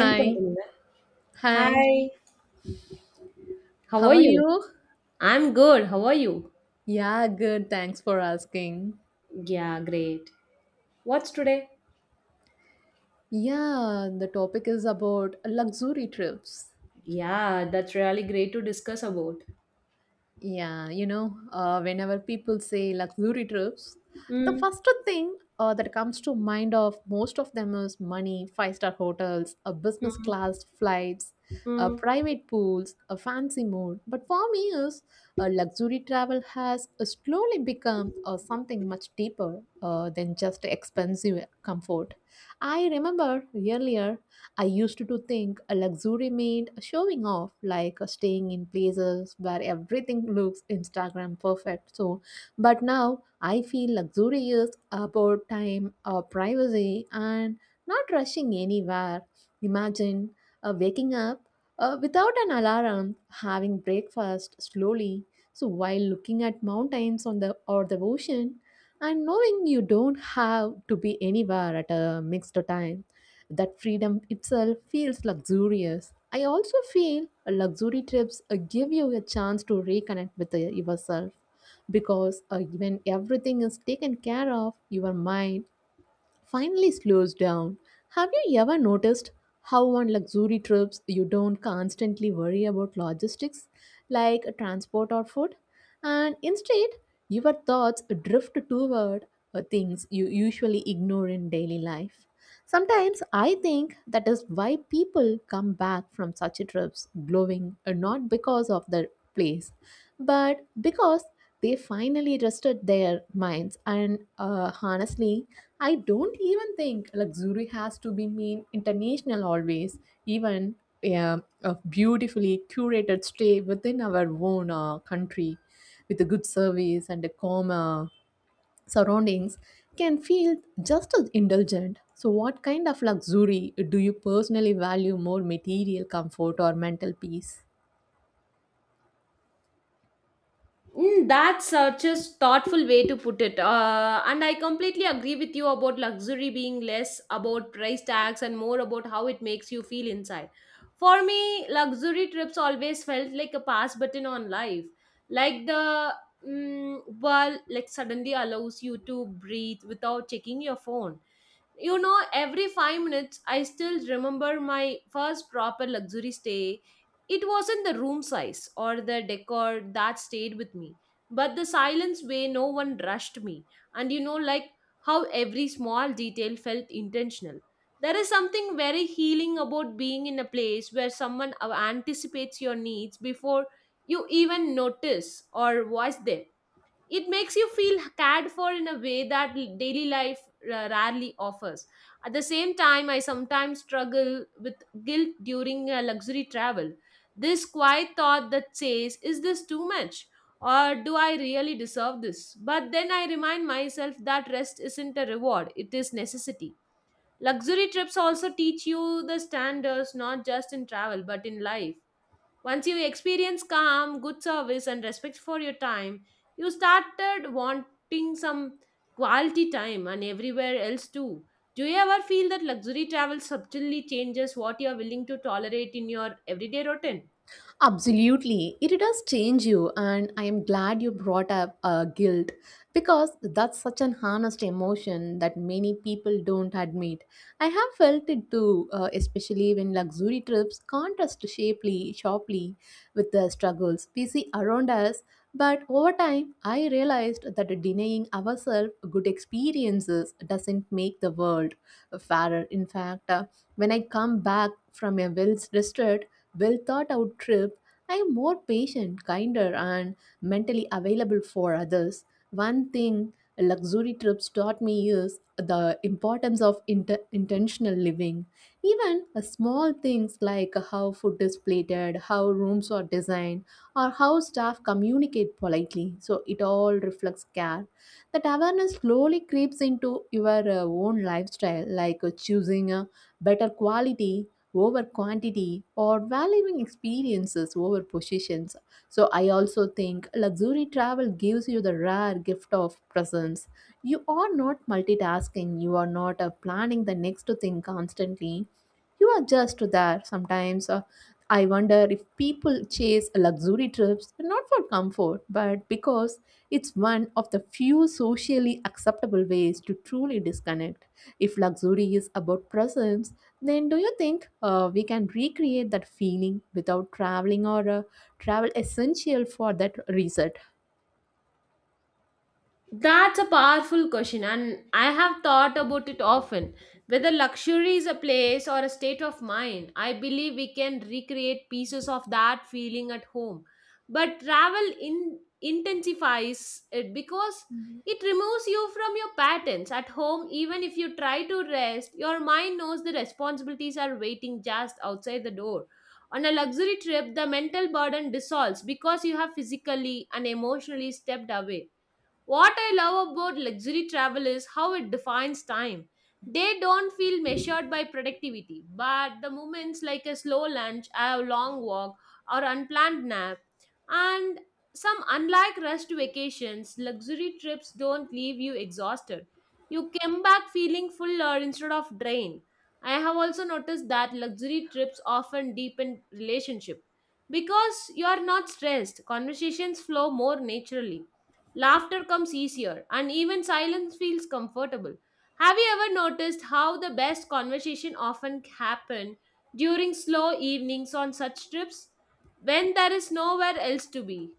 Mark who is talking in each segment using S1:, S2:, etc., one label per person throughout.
S1: Send
S2: Hi,
S1: பண்ணுங்க. Hi,
S2: hi,
S1: how
S2: how
S1: are
S2: are
S1: you?
S2: you?
S1: I'm good. How are you?
S2: Yeah, good, thanks for asking.
S1: Yeah, great. What's today?
S2: Yeah, the topic is about luxury trips.
S1: Yeah, that's really great to discuss about.
S2: Yeah, you know, whenever people say luxury trips, the
S1: Mm,
S2: first thing that comes to mind of most of them is money, five-star hotels, a business
S1: mm,
S2: class flights,
S1: mm.
S2: private pools, a fancy mode. But for me, is luxury travel has slowly become something much deeper than just expensive comfort. I remember earlier I used to think a luxury meant showing off, like staying in places where everything looks Instagram perfect. So, but now I feel luxury is about time, privacy, and not rushing anywhere. Imagine waking up without an alarm, having breakfast slowly, so while looking at mountains on the or the ocean, and knowing you don't have to be anywhere at a mixed time, that freedom itself feels luxurious. I also feel luxury trips give you a chance to reconnect with yourself because when everything is taken care of, your mind finally slows down. Have you ever noticed how on luxury trips you don't constantly worry about logistics like transport or food? And instead, your thoughts drift toward things you usually ignore in daily life. Sometimes I think that is why people come back from such trips glowing, not because of the place, but because they finally rested their minds. And honestly, I don't even think luxury has to be mean international always. Even a beautifully curated stay within our own country with a good service and a calm surroundings can feel just as indulgent. So, what kind of luxury do you personally value, more material comfort or mental peace?
S1: Mm, that's such a thoughtful way to put it. And I completely agree with you about luxury being less about price tags and more about how it makes you feel inside. For me, luxury trips always felt like a pass button on life. Like the world like suddenly allows you to breathe without checking your phone, you know, every 5 minutes. I still remember my first proper luxury stay. It wasn't the room size or the decor that stayed with me, but the silence way no one rushed me, and you know, like how every small detail felt intentional. There is something very healing about being in a place where someone anticipates your needs before you even notice or voice them. It makes you feel cared for in a way that daily life rarely offers. At the same time, I sometimes struggle with guilt during a luxury travel, this quiet thought that says, is this too much or do I really deserve this? But then I remind myself that rest isn't a reward, it is necessity. Luxury trips also teach you the standards, not just in travel but in life. Once you experience calm, good service, and respect for your time, you started wanting some quality time and everywhere else too. Do you ever feel that luxury travel subtly changes what you are willing to tolerate in your everyday routine?
S2: Absolutely. It does change you, and I am glad you brought up guilt because that's such an honest emotion that many people don't admit. I have felt it too, especially when luxury trips contrast sharply with the struggles we see around us. But over time, I realized that denying ourselves good experiences doesn't make the world fairer. In fact, when I come back from a well rested, well thought out trip, I am more patient, kinder, and mentally available for others. One thing luxury trips taught me is the importance of intentional living. Even small things like how food is plated, how rooms are designed, or how staff communicate politely. So it all reflects care. That awareness slowly creeps into your own lifestyle, like choosing a better quality over quantity or valuing experiences over possessions. So, I also think luxury travel gives you the rare gift of presence. You are not multitasking, you are not planning the next thing constantly. You are just there sometimes. I wonder if people chase luxury trips not for comfort but because it's one of the few socially acceptable ways to truly disconnect. If luxury is about presence, then do you think we can recreate that feeling without traveling, or travel essential for that reset?
S1: That's a powerful question, and I have thought about it often. Whether luxury is a place or a state of mind, I believe we can recreate pieces of that feeling at home. But travel intensifies it because it removes you from your patterns. At home, even if you try to rest, your mind knows the responsibilities are waiting just outside the door. On a luxury trip, the mental burden dissolves because you have physically and emotionally stepped away. What I love about luxury travel is how it defines time. They don't feel measured by productivity, but the moments like a slow lunch, a long walk, or unplanned nap, and some unlike rushed vacations, luxury trips don't leave you exhausted. You come back feeling fuller instead of drained. I have also noticed that luxury trips often deepen relationship because you are not stressed. Conversations flow more naturally. Laughter comes easier, and even silence feels comfortable. Have you ever noticed how the best conversation often happen during slow evenings on such trips when there is nowhere else to be?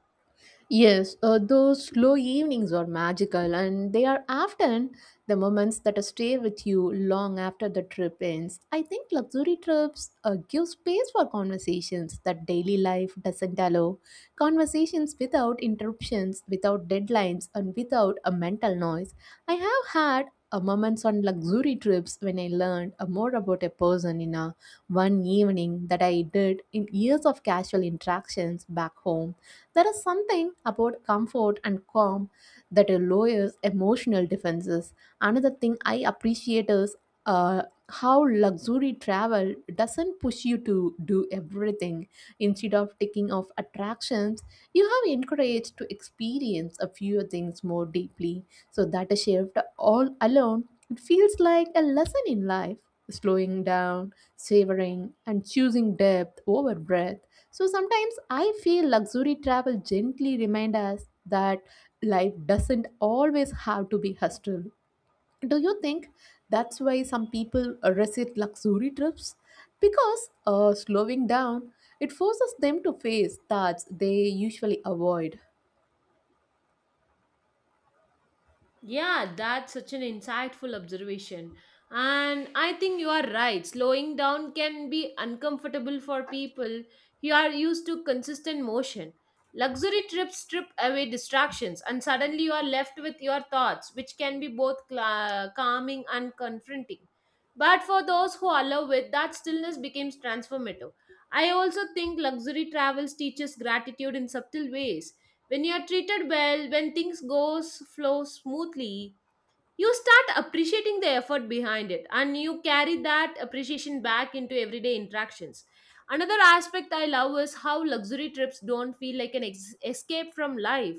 S2: Yes, those slow evenings are magical, and they are often the moments that stay with you long after the trip ends. I think luxury trips give space for conversations that daily life doesn't allow. Conversations without interruptions, without deadlines, and without a mental noise. I have had moments on luxury trips when I learned more about a person in a one evening that I did in years of casual interactions back home. There is something about comfort and calm that lowers emotional defenses. Another thing I appreciate is uh, how luxury travel doesn't push you to do everything. Instead of taking off attractions, you have encouraged to experience a few things more deeply. So that a shift all alone, it feels like a lesson in life. Slowing down, savoring, and choosing depth over breadth, so sometimes I feel luxury travel gently remind us that life doesn't always have to be hostile. Do you think that's why some people resist luxury trips? Because slowing down, it forces them to face thoughts they usually avoid.
S1: Yeah, that's such an insightful observation. And I think you are right. Slowing down can be uncomfortable for people who are used to consistent motion. Luxury trips strip away distractions, and suddenly you are left with your thoughts, which can be both cla calming and confronting. But for those who allow it, that stillness becomes transformative. I also think luxury travels teaches gratitude in subtle ways when you are treated well, when things goes flow smoothly, you start appreciating the effort behind it, and you carry that appreciation back into everyday interactions. Another aspect I love is how luxury trips don't feel like an escape from life,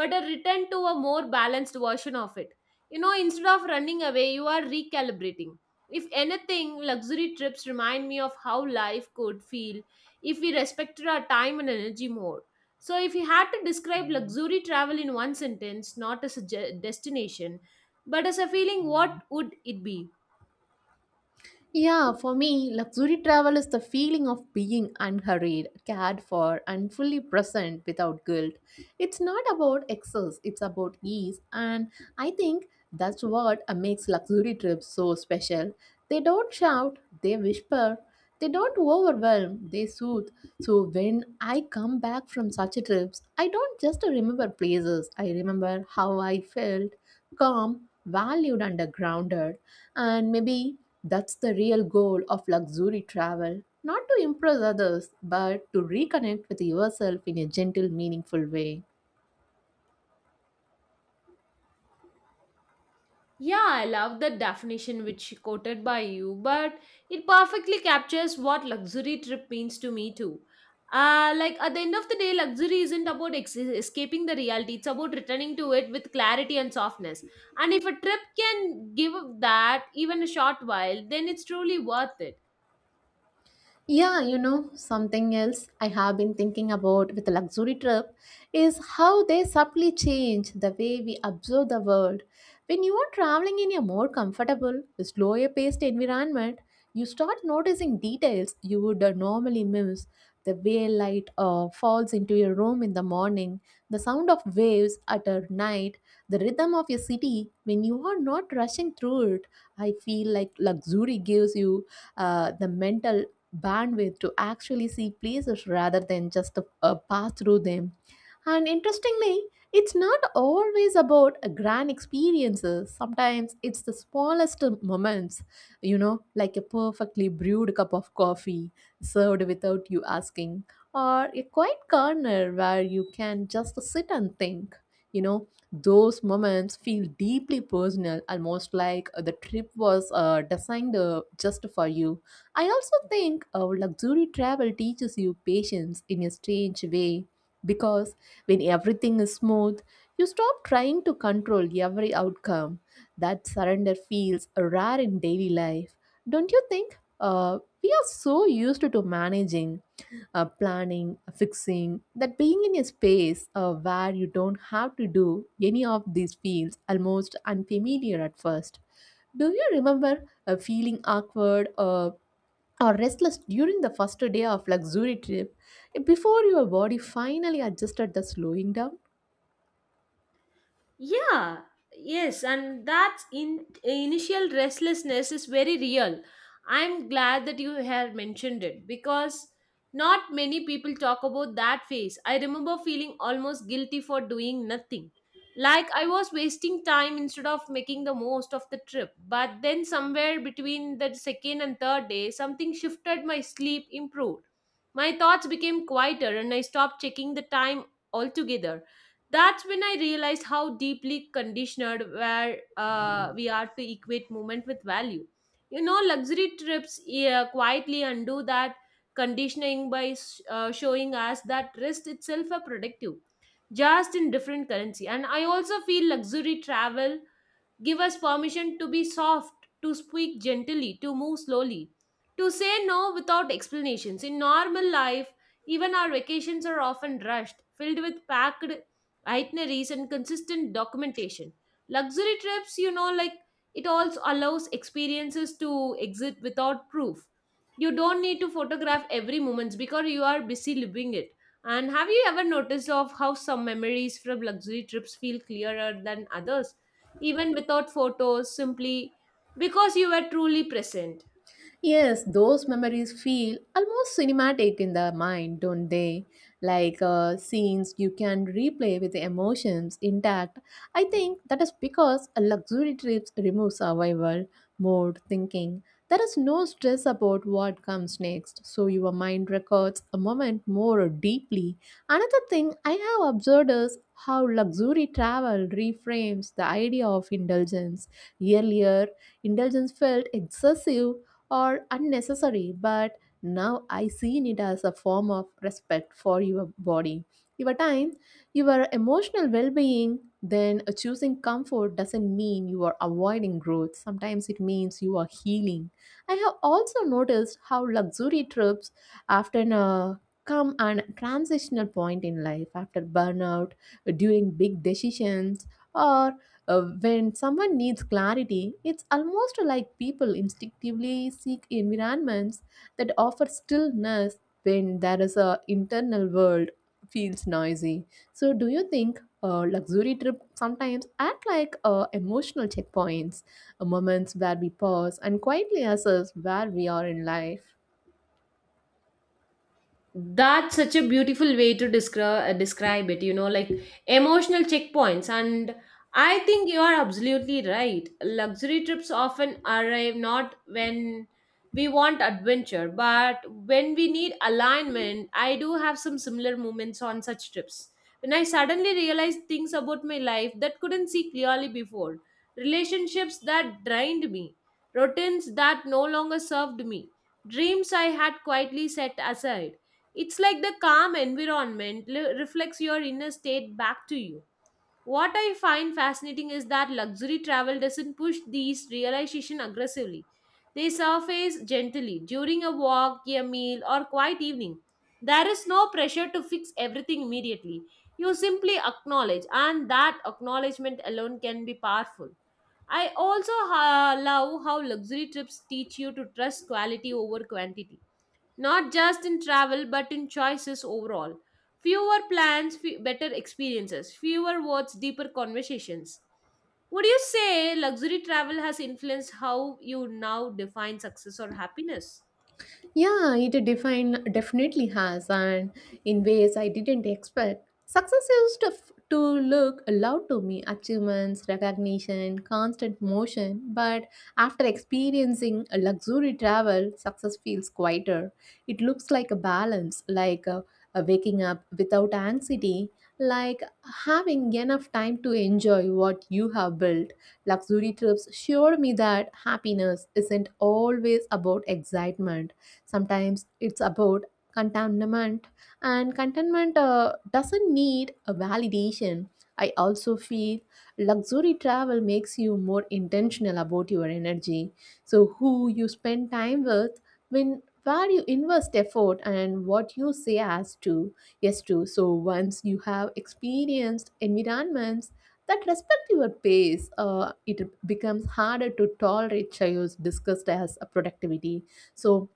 S1: but a return to a more balanced version of it. You know, instead of running away, you are recalibrating. If anything, luxury trips remind me of how life could feel if we respected our time and energy more. So if you had to describe luxury travel in one sentence, not as a destination but as a feeling, what would it be?
S2: Yeah, for me, luxury travel is the feeling of being unhurried, cared for, and fully present without guilt. It's not about excess, it's about ease, and I think that's what makes luxury trips so special. They don't shout, they whisper, they don't overwhelm, they soothe. So when I come back from such a trips, I don't just remember places, I remember how I felt calm, valued, and grounded, and maybe that's the real goal of luxury travel, not to impress others, but to reconnect with yourself in a gentle, meaningful way.
S1: Yeah, I love the definition which you quoted by you, but it perfectly captures what luxury trip means to me too. Like at the end of the day, luxury isn't about escaping the reality, it's about returning to it with clarity and softness. And if a trip can give that even a short while, then it's truly worth it.
S2: Yeah, you know, something else I have been thinking about with the luxury trip is how they subtly change the way we observe the world. When you are traveling in a more comfortable, slower paced environment, you start noticing details you would normally miss. The way light falls into your room in the morning, the sound of waves at a night, the rhythm of your city when you are not rushing through it. I feel like luxury gives you the mental bandwidth to actually see places rather than just pass through them, and interestingly, it's not always about a grand experiences. Sometimes it's the smallest moments, you know, like a perfectly brewed cup of coffee served without you asking, or a quiet corner where you can just sit and think. You know, those moments feel deeply personal, almost like the trip was designed just for you. I also think luxury travel teaches you patience in a strange way because when everything is smooth, you stop trying to control every outcome. That surrender feels rare in daily life. Don't you think? We are so used to managing, planning, fixing, that being in a space where you don't have to do any of these feels almost unfamiliar at first. Do you remember feeling awkward or restless during the first day of luxury trip before your body finally adjusted the slowing down?
S1: Yeah, yes, and that initial restlessness is very real. I'm glad that you have mentioned it because not many people talk about that phase. I remember feeling almost guilty for doing nothing. Like I was wasting time instead of making the most of the trip. But then, somewhere between the second and third day, something shifted. My sleep improved. My thoughts became quieter, and I stopped checking the time altogether. That's when I realized how deeply conditioned where we are to equate movement with value. You know, luxury trips, yeah, quietly undo that conditioning by showing us that rest itself a productive, just in different currency. And I also feel luxury travel give us permission to be soft, to speak gently, to move slowly, to say no without explanations. In normal life, even our vacations are often rushed, filled with packed itineraries and consistent documentation. Luxury trips, you know, like it also allows experiences to exist without proof. You don't need to photograph every moment because you are busy living it. And have you ever noticed of how some memories from luxury trips feel clearer than others, even without photos, simply because you were truly present?
S2: Yes, those memories feel almost cinematic in the mind, don't they? Like scenes you can replay with the emotions intact. I think that is because a luxury trips remove survival mode thinking. There is no stress about what comes next, so your mind records a moment more deeply. Another thing I have observed is how luxury travel reframes the idea of indulgence. Earlier, indulgence felt excessive or unnecessary, but now I seen it as a form of respect for your body, your time, your emotional well being. Then choosing comfort doesn't mean you are avoiding growth. Sometimes it means you are healing. I have also noticed how luxury trips often come an transitional point in life after burnout, during big decisions, or when someone needs clarity, it's almost like people instinctively seek environments that offer stillness when there is a internal world feels noisy. So, do you think luxury trip sometimes act like emotional checkpoints, moments where we pause and quietly assess where we are in life?
S1: That's such a beautiful way to describe it, you know, like emotional checkpoints. And I think you are absolutely right. Luxury trips often arrive not when we want adventure, but when we need alignment. I do have some similar moments on such trips when I suddenly realized things about my life that couldn't see clearly before: relationships that drained me, routines that no longer served me, dreams I had quietly set aside. It's like the calm environment reflects your inner state back to you. What I find fascinating is that luxury travel doesn't push these realization aggressively. They surface gently during a walk, a meal, or quiet evening. There is no pressure to fix everything immediately. You simply acknowledge, and that acknowledgement alone can be powerful. I also love how luxury trips teach you to trust quality over quantity, not just in travel but in choices overall. Fewer plans, better experiences, fewer words, deeper conversations. Would you say luxury travel has influenced how you now define success or happiness?
S2: Yeah, it define definitely has, and in ways I didn't expect. Success used to look loud to me: achievements, recognition, constant motion. But after experiencing a luxury travel, success feels quieter. It looks like a balance, like waking up without anxiety, like having enough time to enjoy what you have built. Luxury trips showed me that happiness isn't always about excitement. Sometimes it's about contentment, and contentment doesn't need a validation. I also feel luxury travel makes you more intentional about your energy. So, who you spend time with, when where you invest effort and what you say as to yes to, so once you have experienced environments that respect your pace, it becomes harder to tolerate chaos discussed as a productivity, so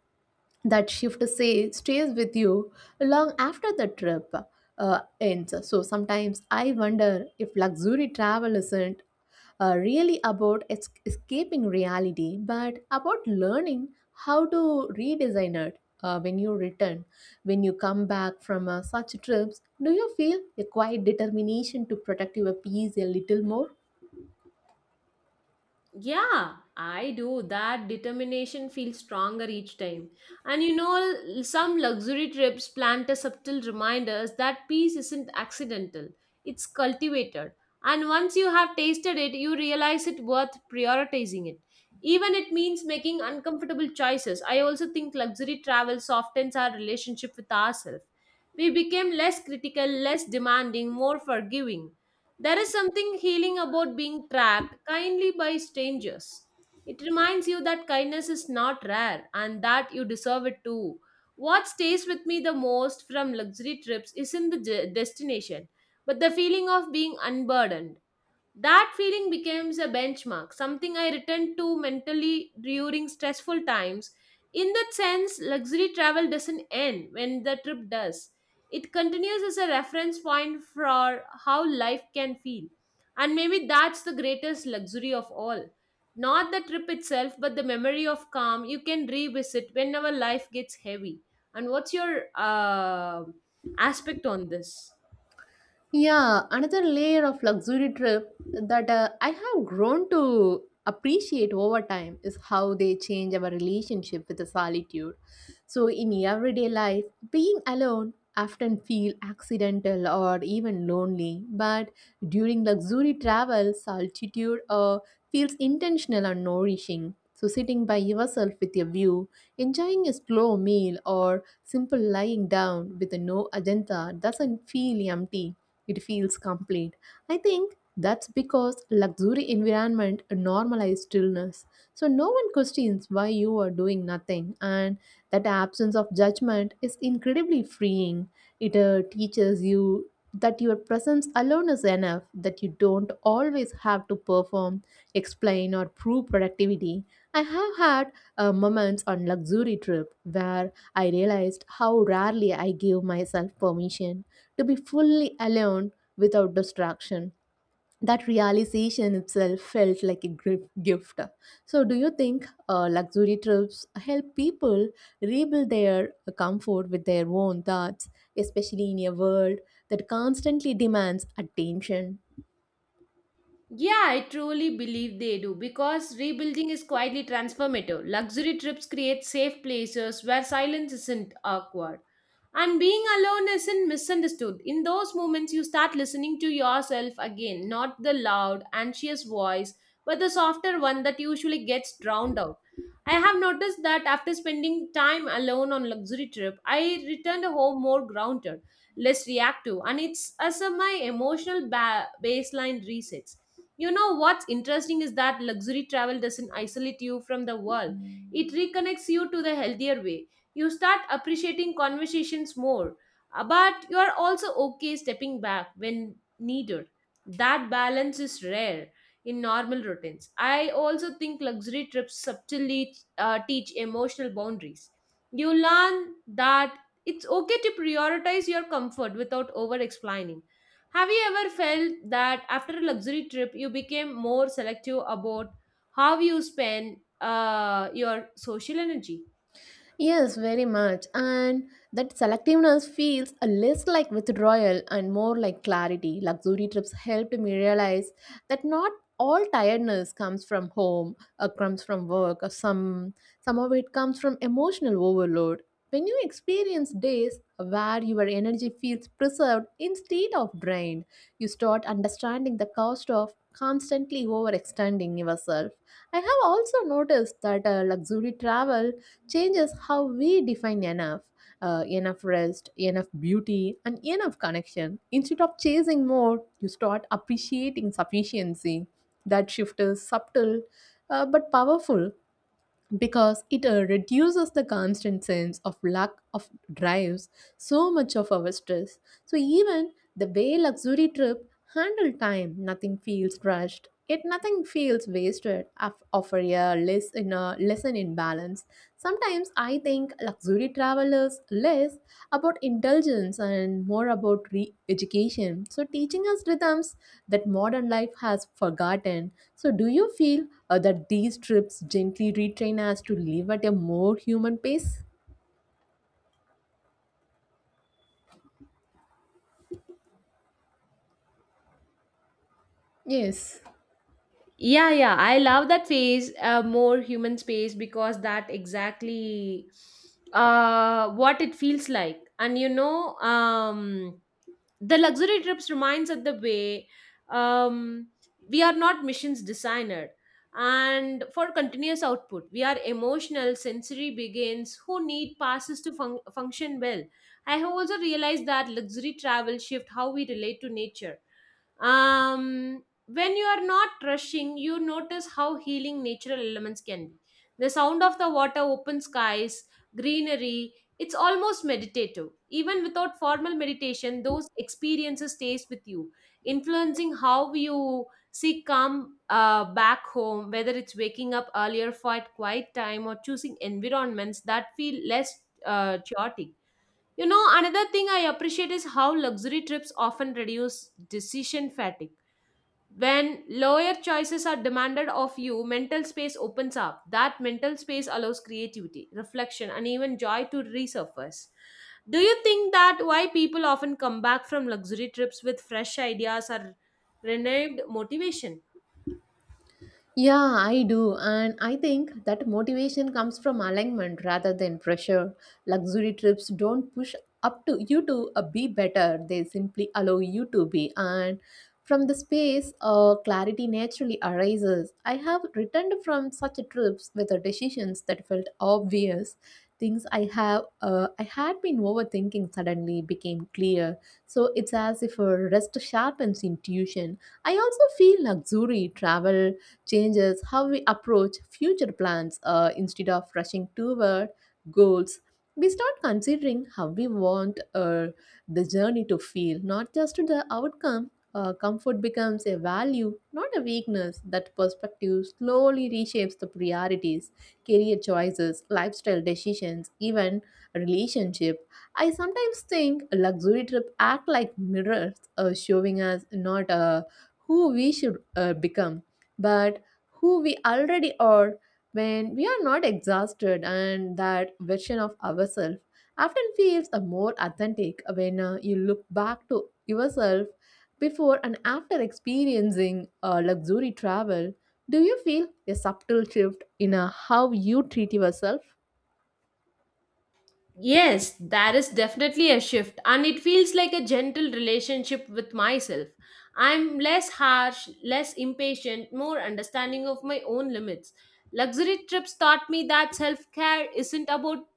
S2: that shift say stays with you long after the trip ends. So sometimes I wonder if luxury travel isn't really about escaping reality but about learning how to redesign it when you return. When you come back from such trips, do you feel a quiet determination to protect your peace a little more?
S1: Yeah, I do. That determination feels stronger each time. And you know, some luxury trips plant a subtle reminders that peace isn't accidental, it's cultivated. And once you have tasted it, you realize it worth prioritizing it. Even it means making uncomfortable choices. I also think luxury travel softens our relationship with ourselves. We became less critical, less demanding, more forgiving. There is something healing about being tracked kindly by strangers. It reminds you that kindness is not rare and that you deserve it too. What stays with me the most from luxury trips isn't the destination, but the feeling of being unburdened. That feeling becomes a benchmark, something I return to mentally during stressful times. In that sense, luxury travel doesn't end when the trip does. It continues as a reference point for how life can feel. And maybe that's the greatest luxury of all. Not the trip itself, but the memory of calm you can revisit whenever life gets heavy. And what's your aspect on this?
S2: Yeah, another layer of luxury trip that I have grown to appreciate over time is how they change our relationship with the solitude. So in everyday life, being alone often feel accidental or even lonely, but during luxury travel, solitude feels intentional and nourishing. So sitting by yourself with your view, enjoying a slow meal or simple lying down with no agenda doesn't feel empty, it feels complete. I think that's because luxury environment normalize stillness. So no one questions why you are doing nothing, and that absence of judgment is incredibly freeing. It teaches you that your presence alone is enough, that you don't always have to perform, explain or prove productivity. I have had moments on luxury trip where I realized how rarely I give myself permission to be fully alone without distraction. That realization itself felt like a gift. So, do you think luxury trips help people rebuild their comfort with their own thoughts, especially in a world that constantly demands attention?
S1: Yeah, I truly believe they do because rebuilding is quietly transformative. Luxury trips create safe places where silence isn't awkward. And being alone isn't misunderstood. In those moments, you start listening to yourself again, not the loud, anxious voice, but the softer one that usually gets drowned out. I have noticed that after spending time alone on luxury trip, I returned home more grounded, less reactive, and it's as a my emotional baseline resets. You know what's interesting is that luxury travel doesn't isolate you from the world. It reconnects you to the healthier way. You start appreciating conversations more, but you are also okay stepping back when needed. That balance is rare in normal routines. I also think luxury trips subtly teach emotional boundaries. You learn that it's okay to prioritize your comfort without over explaining. Have you ever felt that after a luxury trip, you became more selective about how you spend your social energy?
S2: Yes, very much. And that selectiveness feels a less like withdrawal and more like clarity. Luxury trips helped me realize that not all tiredness comes from home or comes from work or some of it comes from emotional overload. When you experience days where your energy feels preserved instead of drained, you start understanding the cost of constantly overextending yourself. I have also noticed that luxury travel changes how we define enough. Enough rest, enough beauty, and enough connection. Instead of chasing more, you start appreciating sufficiency. That shift is subtle but powerful because it reduces the constant sense of lack of drives so much of our stress, so even the way luxury trip handle time, nothing feels rushed yet nothing feels wasted, offer a less in a lesson in balance. Sometimes I think luxury travel is less about indulgence and more about re education. So, teaching us rhythms that modern life has forgotten. So, do you feel that these trips gently retrain us to live at a more human pace? Yes.
S1: Yeah, yeah, I love that phase, more human space, because that exactly what it feels like. And the luxury trips reminds us the way um, we are not missions designer, and for continuous output we are emotional sensory beings who need passes to function well. I have also realized that luxury travel shift how we relate to nature. When you are not rushing, you notice how healing natural elements can be. The sound of the water, open skies, greenery, it's almost meditative even without formal meditation. Those experiences stays with you, influencing how you seek calm back home, whether it's waking up earlier for a quiet time or choosing environments that feel less chaotic. You know, another thing I appreciate is how luxury trips often reduce decision fatigue. When lower choices are demanded of you, mental space opens up. That mental space allows creativity, reflection, and even joy to resurface. Do you think that why people often come back from luxury trips with fresh ideas or renewed motivation?
S2: Yeah, I do. And I think that motivation comes from alignment rather than pressure. Luxury trips don't push up to you to be better, they simply allow you to be. And from the space, clarity naturally arises. I have returned from such trips with the decisions that felt obvious. Things I have, I had been overthinking suddenly became clear. So it's as if a rest sharpens intuition. I also feel luxury travel changes how we approach future plans, instead of rushing toward goals. We start considering how we want the journey to feel, not just the outcome. Comfort becomes a value, not a weakness. That perspective slowly reshapes the priorities, career choices, lifestyle decisions, even relationship. I sometimes think luxury trip act like mirrors, showing us not who we should become but who we already are when we are not exhausted, and that version of ourselves often feels a more authentic when you look back to yourself before and after experiencing luxury travel. Do you feel a subtle shift in how you treat yourself?
S1: Yes, that is definitely a shift, and it feels like a gentle relationship with myself. I'm less harsh, less impatient, more understanding of my own limits. Luxury trips taught me that self care isn't about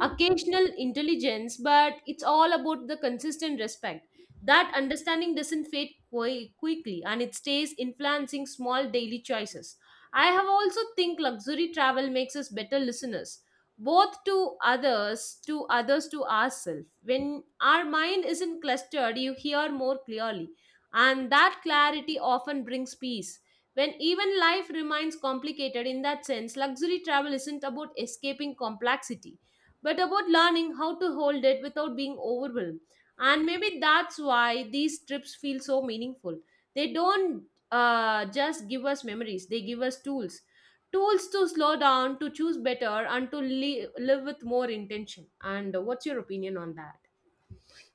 S1: occasional intelligence, but it's all about the consistent respect. That understanding doesn't fade quickly, and it stays influencing small daily choices. I have also think luxury travel makes us better listeners, both to others to ourselves. When our mind isn't clustered, you hear more clearly, and that clarity often brings peace when even life remains complicated. In that sense, luxury travel isn't about escaping complexity, but about learning how to hold it without being overwhelmed. And maybe that's why these trips feel so meaningful. They don't just give us memories, they give us tools, tools to slow down, to choose better, and to live with more intention. And what's your opinion on that?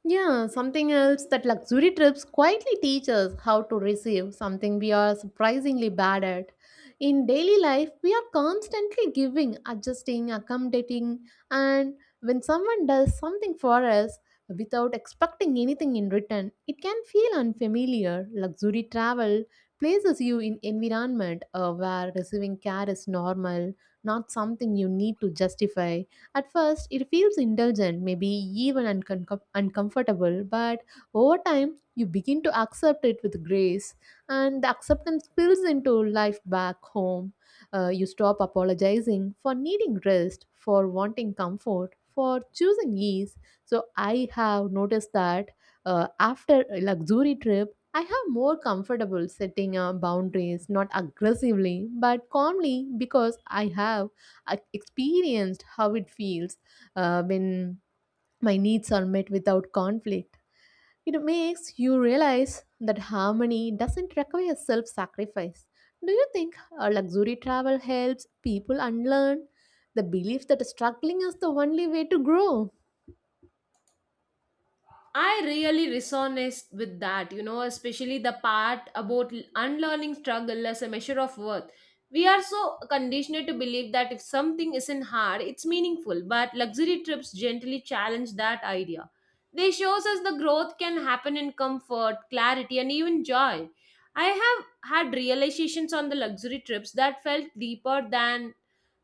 S2: Yeah, something else that luxury trips quietly teach us how to receive, something we are surprisingly bad at. In daily life, we are constantly giving, adjusting, accommodating, and when someone does something for us without expecting anything in return, it can feel unfamiliar. Luxury travel places you in environment where receiving care is normal, not something you need to justify. At first, it feels indulgent, maybe even uncomfortable, but over time, you begin to accept it with grace, and the acceptance spills into life back home. You stop apologizing for needing rest, for wanting comfort, for choosing ease. So, I have noticed that after a luxury trip, I have more comfortable setting boundaries, not aggressively, but calmly, because I experienced how it feels when my needs are met without conflict. It makes you realize that harmony doesn't require self sacrifice. Do you think luxury travel helps people unlearn the belief that struggling is the only way to grow?
S1: I really resonate with that, you know, especially the part about unlearning struggle as a measure of worth. We are so conditioned to believe that if something isn't hard, it's meaningful, but luxury trips gently challenge that idea. They shows us the growth can happen in comfort, clarity, and even joy. I have had realizations on the luxury trips that felt deeper than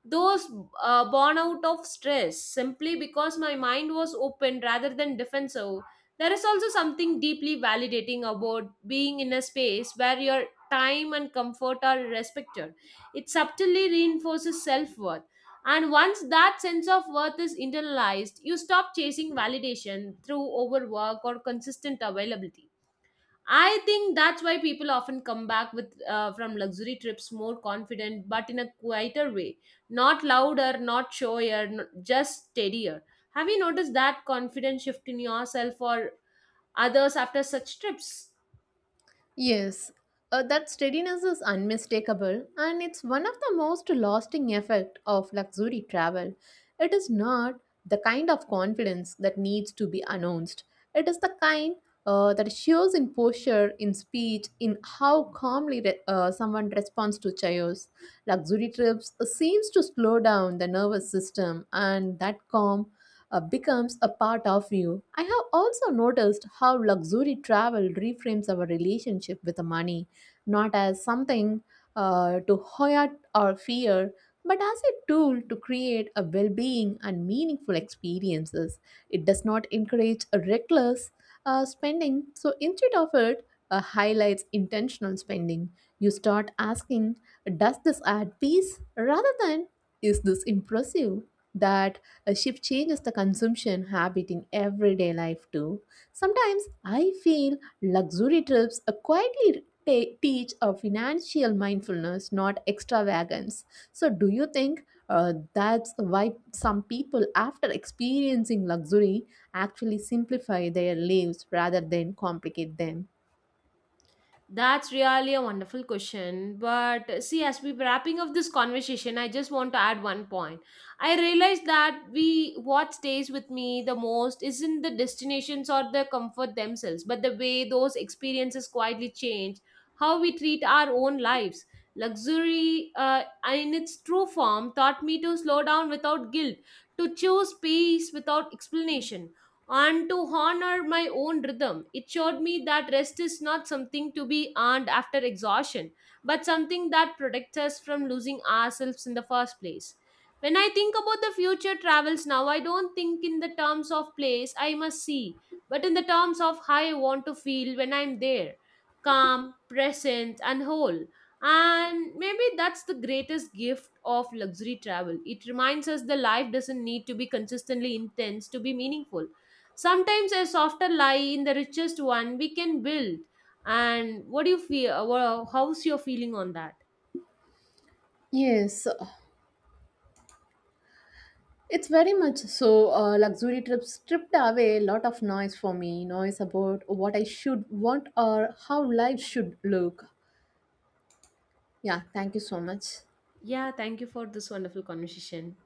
S1: those born out of stress, simply because my mind was open rather than defensive. There is also something deeply validating about being in a space where your time and comfort are respected. It subtly reinforces self worth. And once that sense of worth is internalized, you stop chasing validation through overwork or consistent availability. I think that's why people often come back with from luxury trips more confident, but in a quieter way, not louder, not showier, just steadier. Have you noticed that confidence shift in yourself or others after such trips?
S2: Yes, that steadiness is unmistakable and it's one of the most lasting effect of luxury travel. It is not the kind of confidence that needs to be announced. It is the kind that shows in posture, in speech, in how calmly someone responds to chaos. Luxury trips seems to slow down the nervous system and that calm becomes a part of you. I have also noticed how luxury travel reframes our relationship with the money, not as something to hoard or fear, but as a tool to create a well being and meaningful experiences. It does not encourage a reckless spending, so instead of it, highlights intentional spending. You start asking, does this add peace? Rather than, is this impressive? That a shift changes the consumption habit in everyday life too. Sometimes I feel luxury trips quietly teach a financial mindfulness, not extravagance. So, do you think that's why some people, after experiencing luxury, actually simplify their lives rather than complicate them?
S1: That's really a wonderful question. But see, as we wrapping up this conversation, I just want to add one point. I realized that we what stays with me the most isn't the destinations or the comfort themselves, but the way those experiences quietly change how we treat our own lives. Luxury, in its true form, taught me to slow down without guilt, to choose peace without explanation, and to honor my own rhythm. It showed me that rest is not something to be earned after exhaustion, but something that protects us from losing ourselves in the first place. When I think about the future travels now, I don't think in the terms of place I must see, but in the terms of how I want to feel when I'm there, calm, present, and whole. And maybe that's the greatest gift of luxury travel. It reminds us the life doesn't need to be consistently intense to be meaningful. Sometimes a softer lie in the richest one we can build. And what do you feel? How's your feeling on that?
S2: Yes, it's very much so. Luxury trips stripped away a lot of noise for me. Noise about what I should want or how life should look. Yeah, thank you so much.
S1: Yeah, thank you for this wonderful conversation.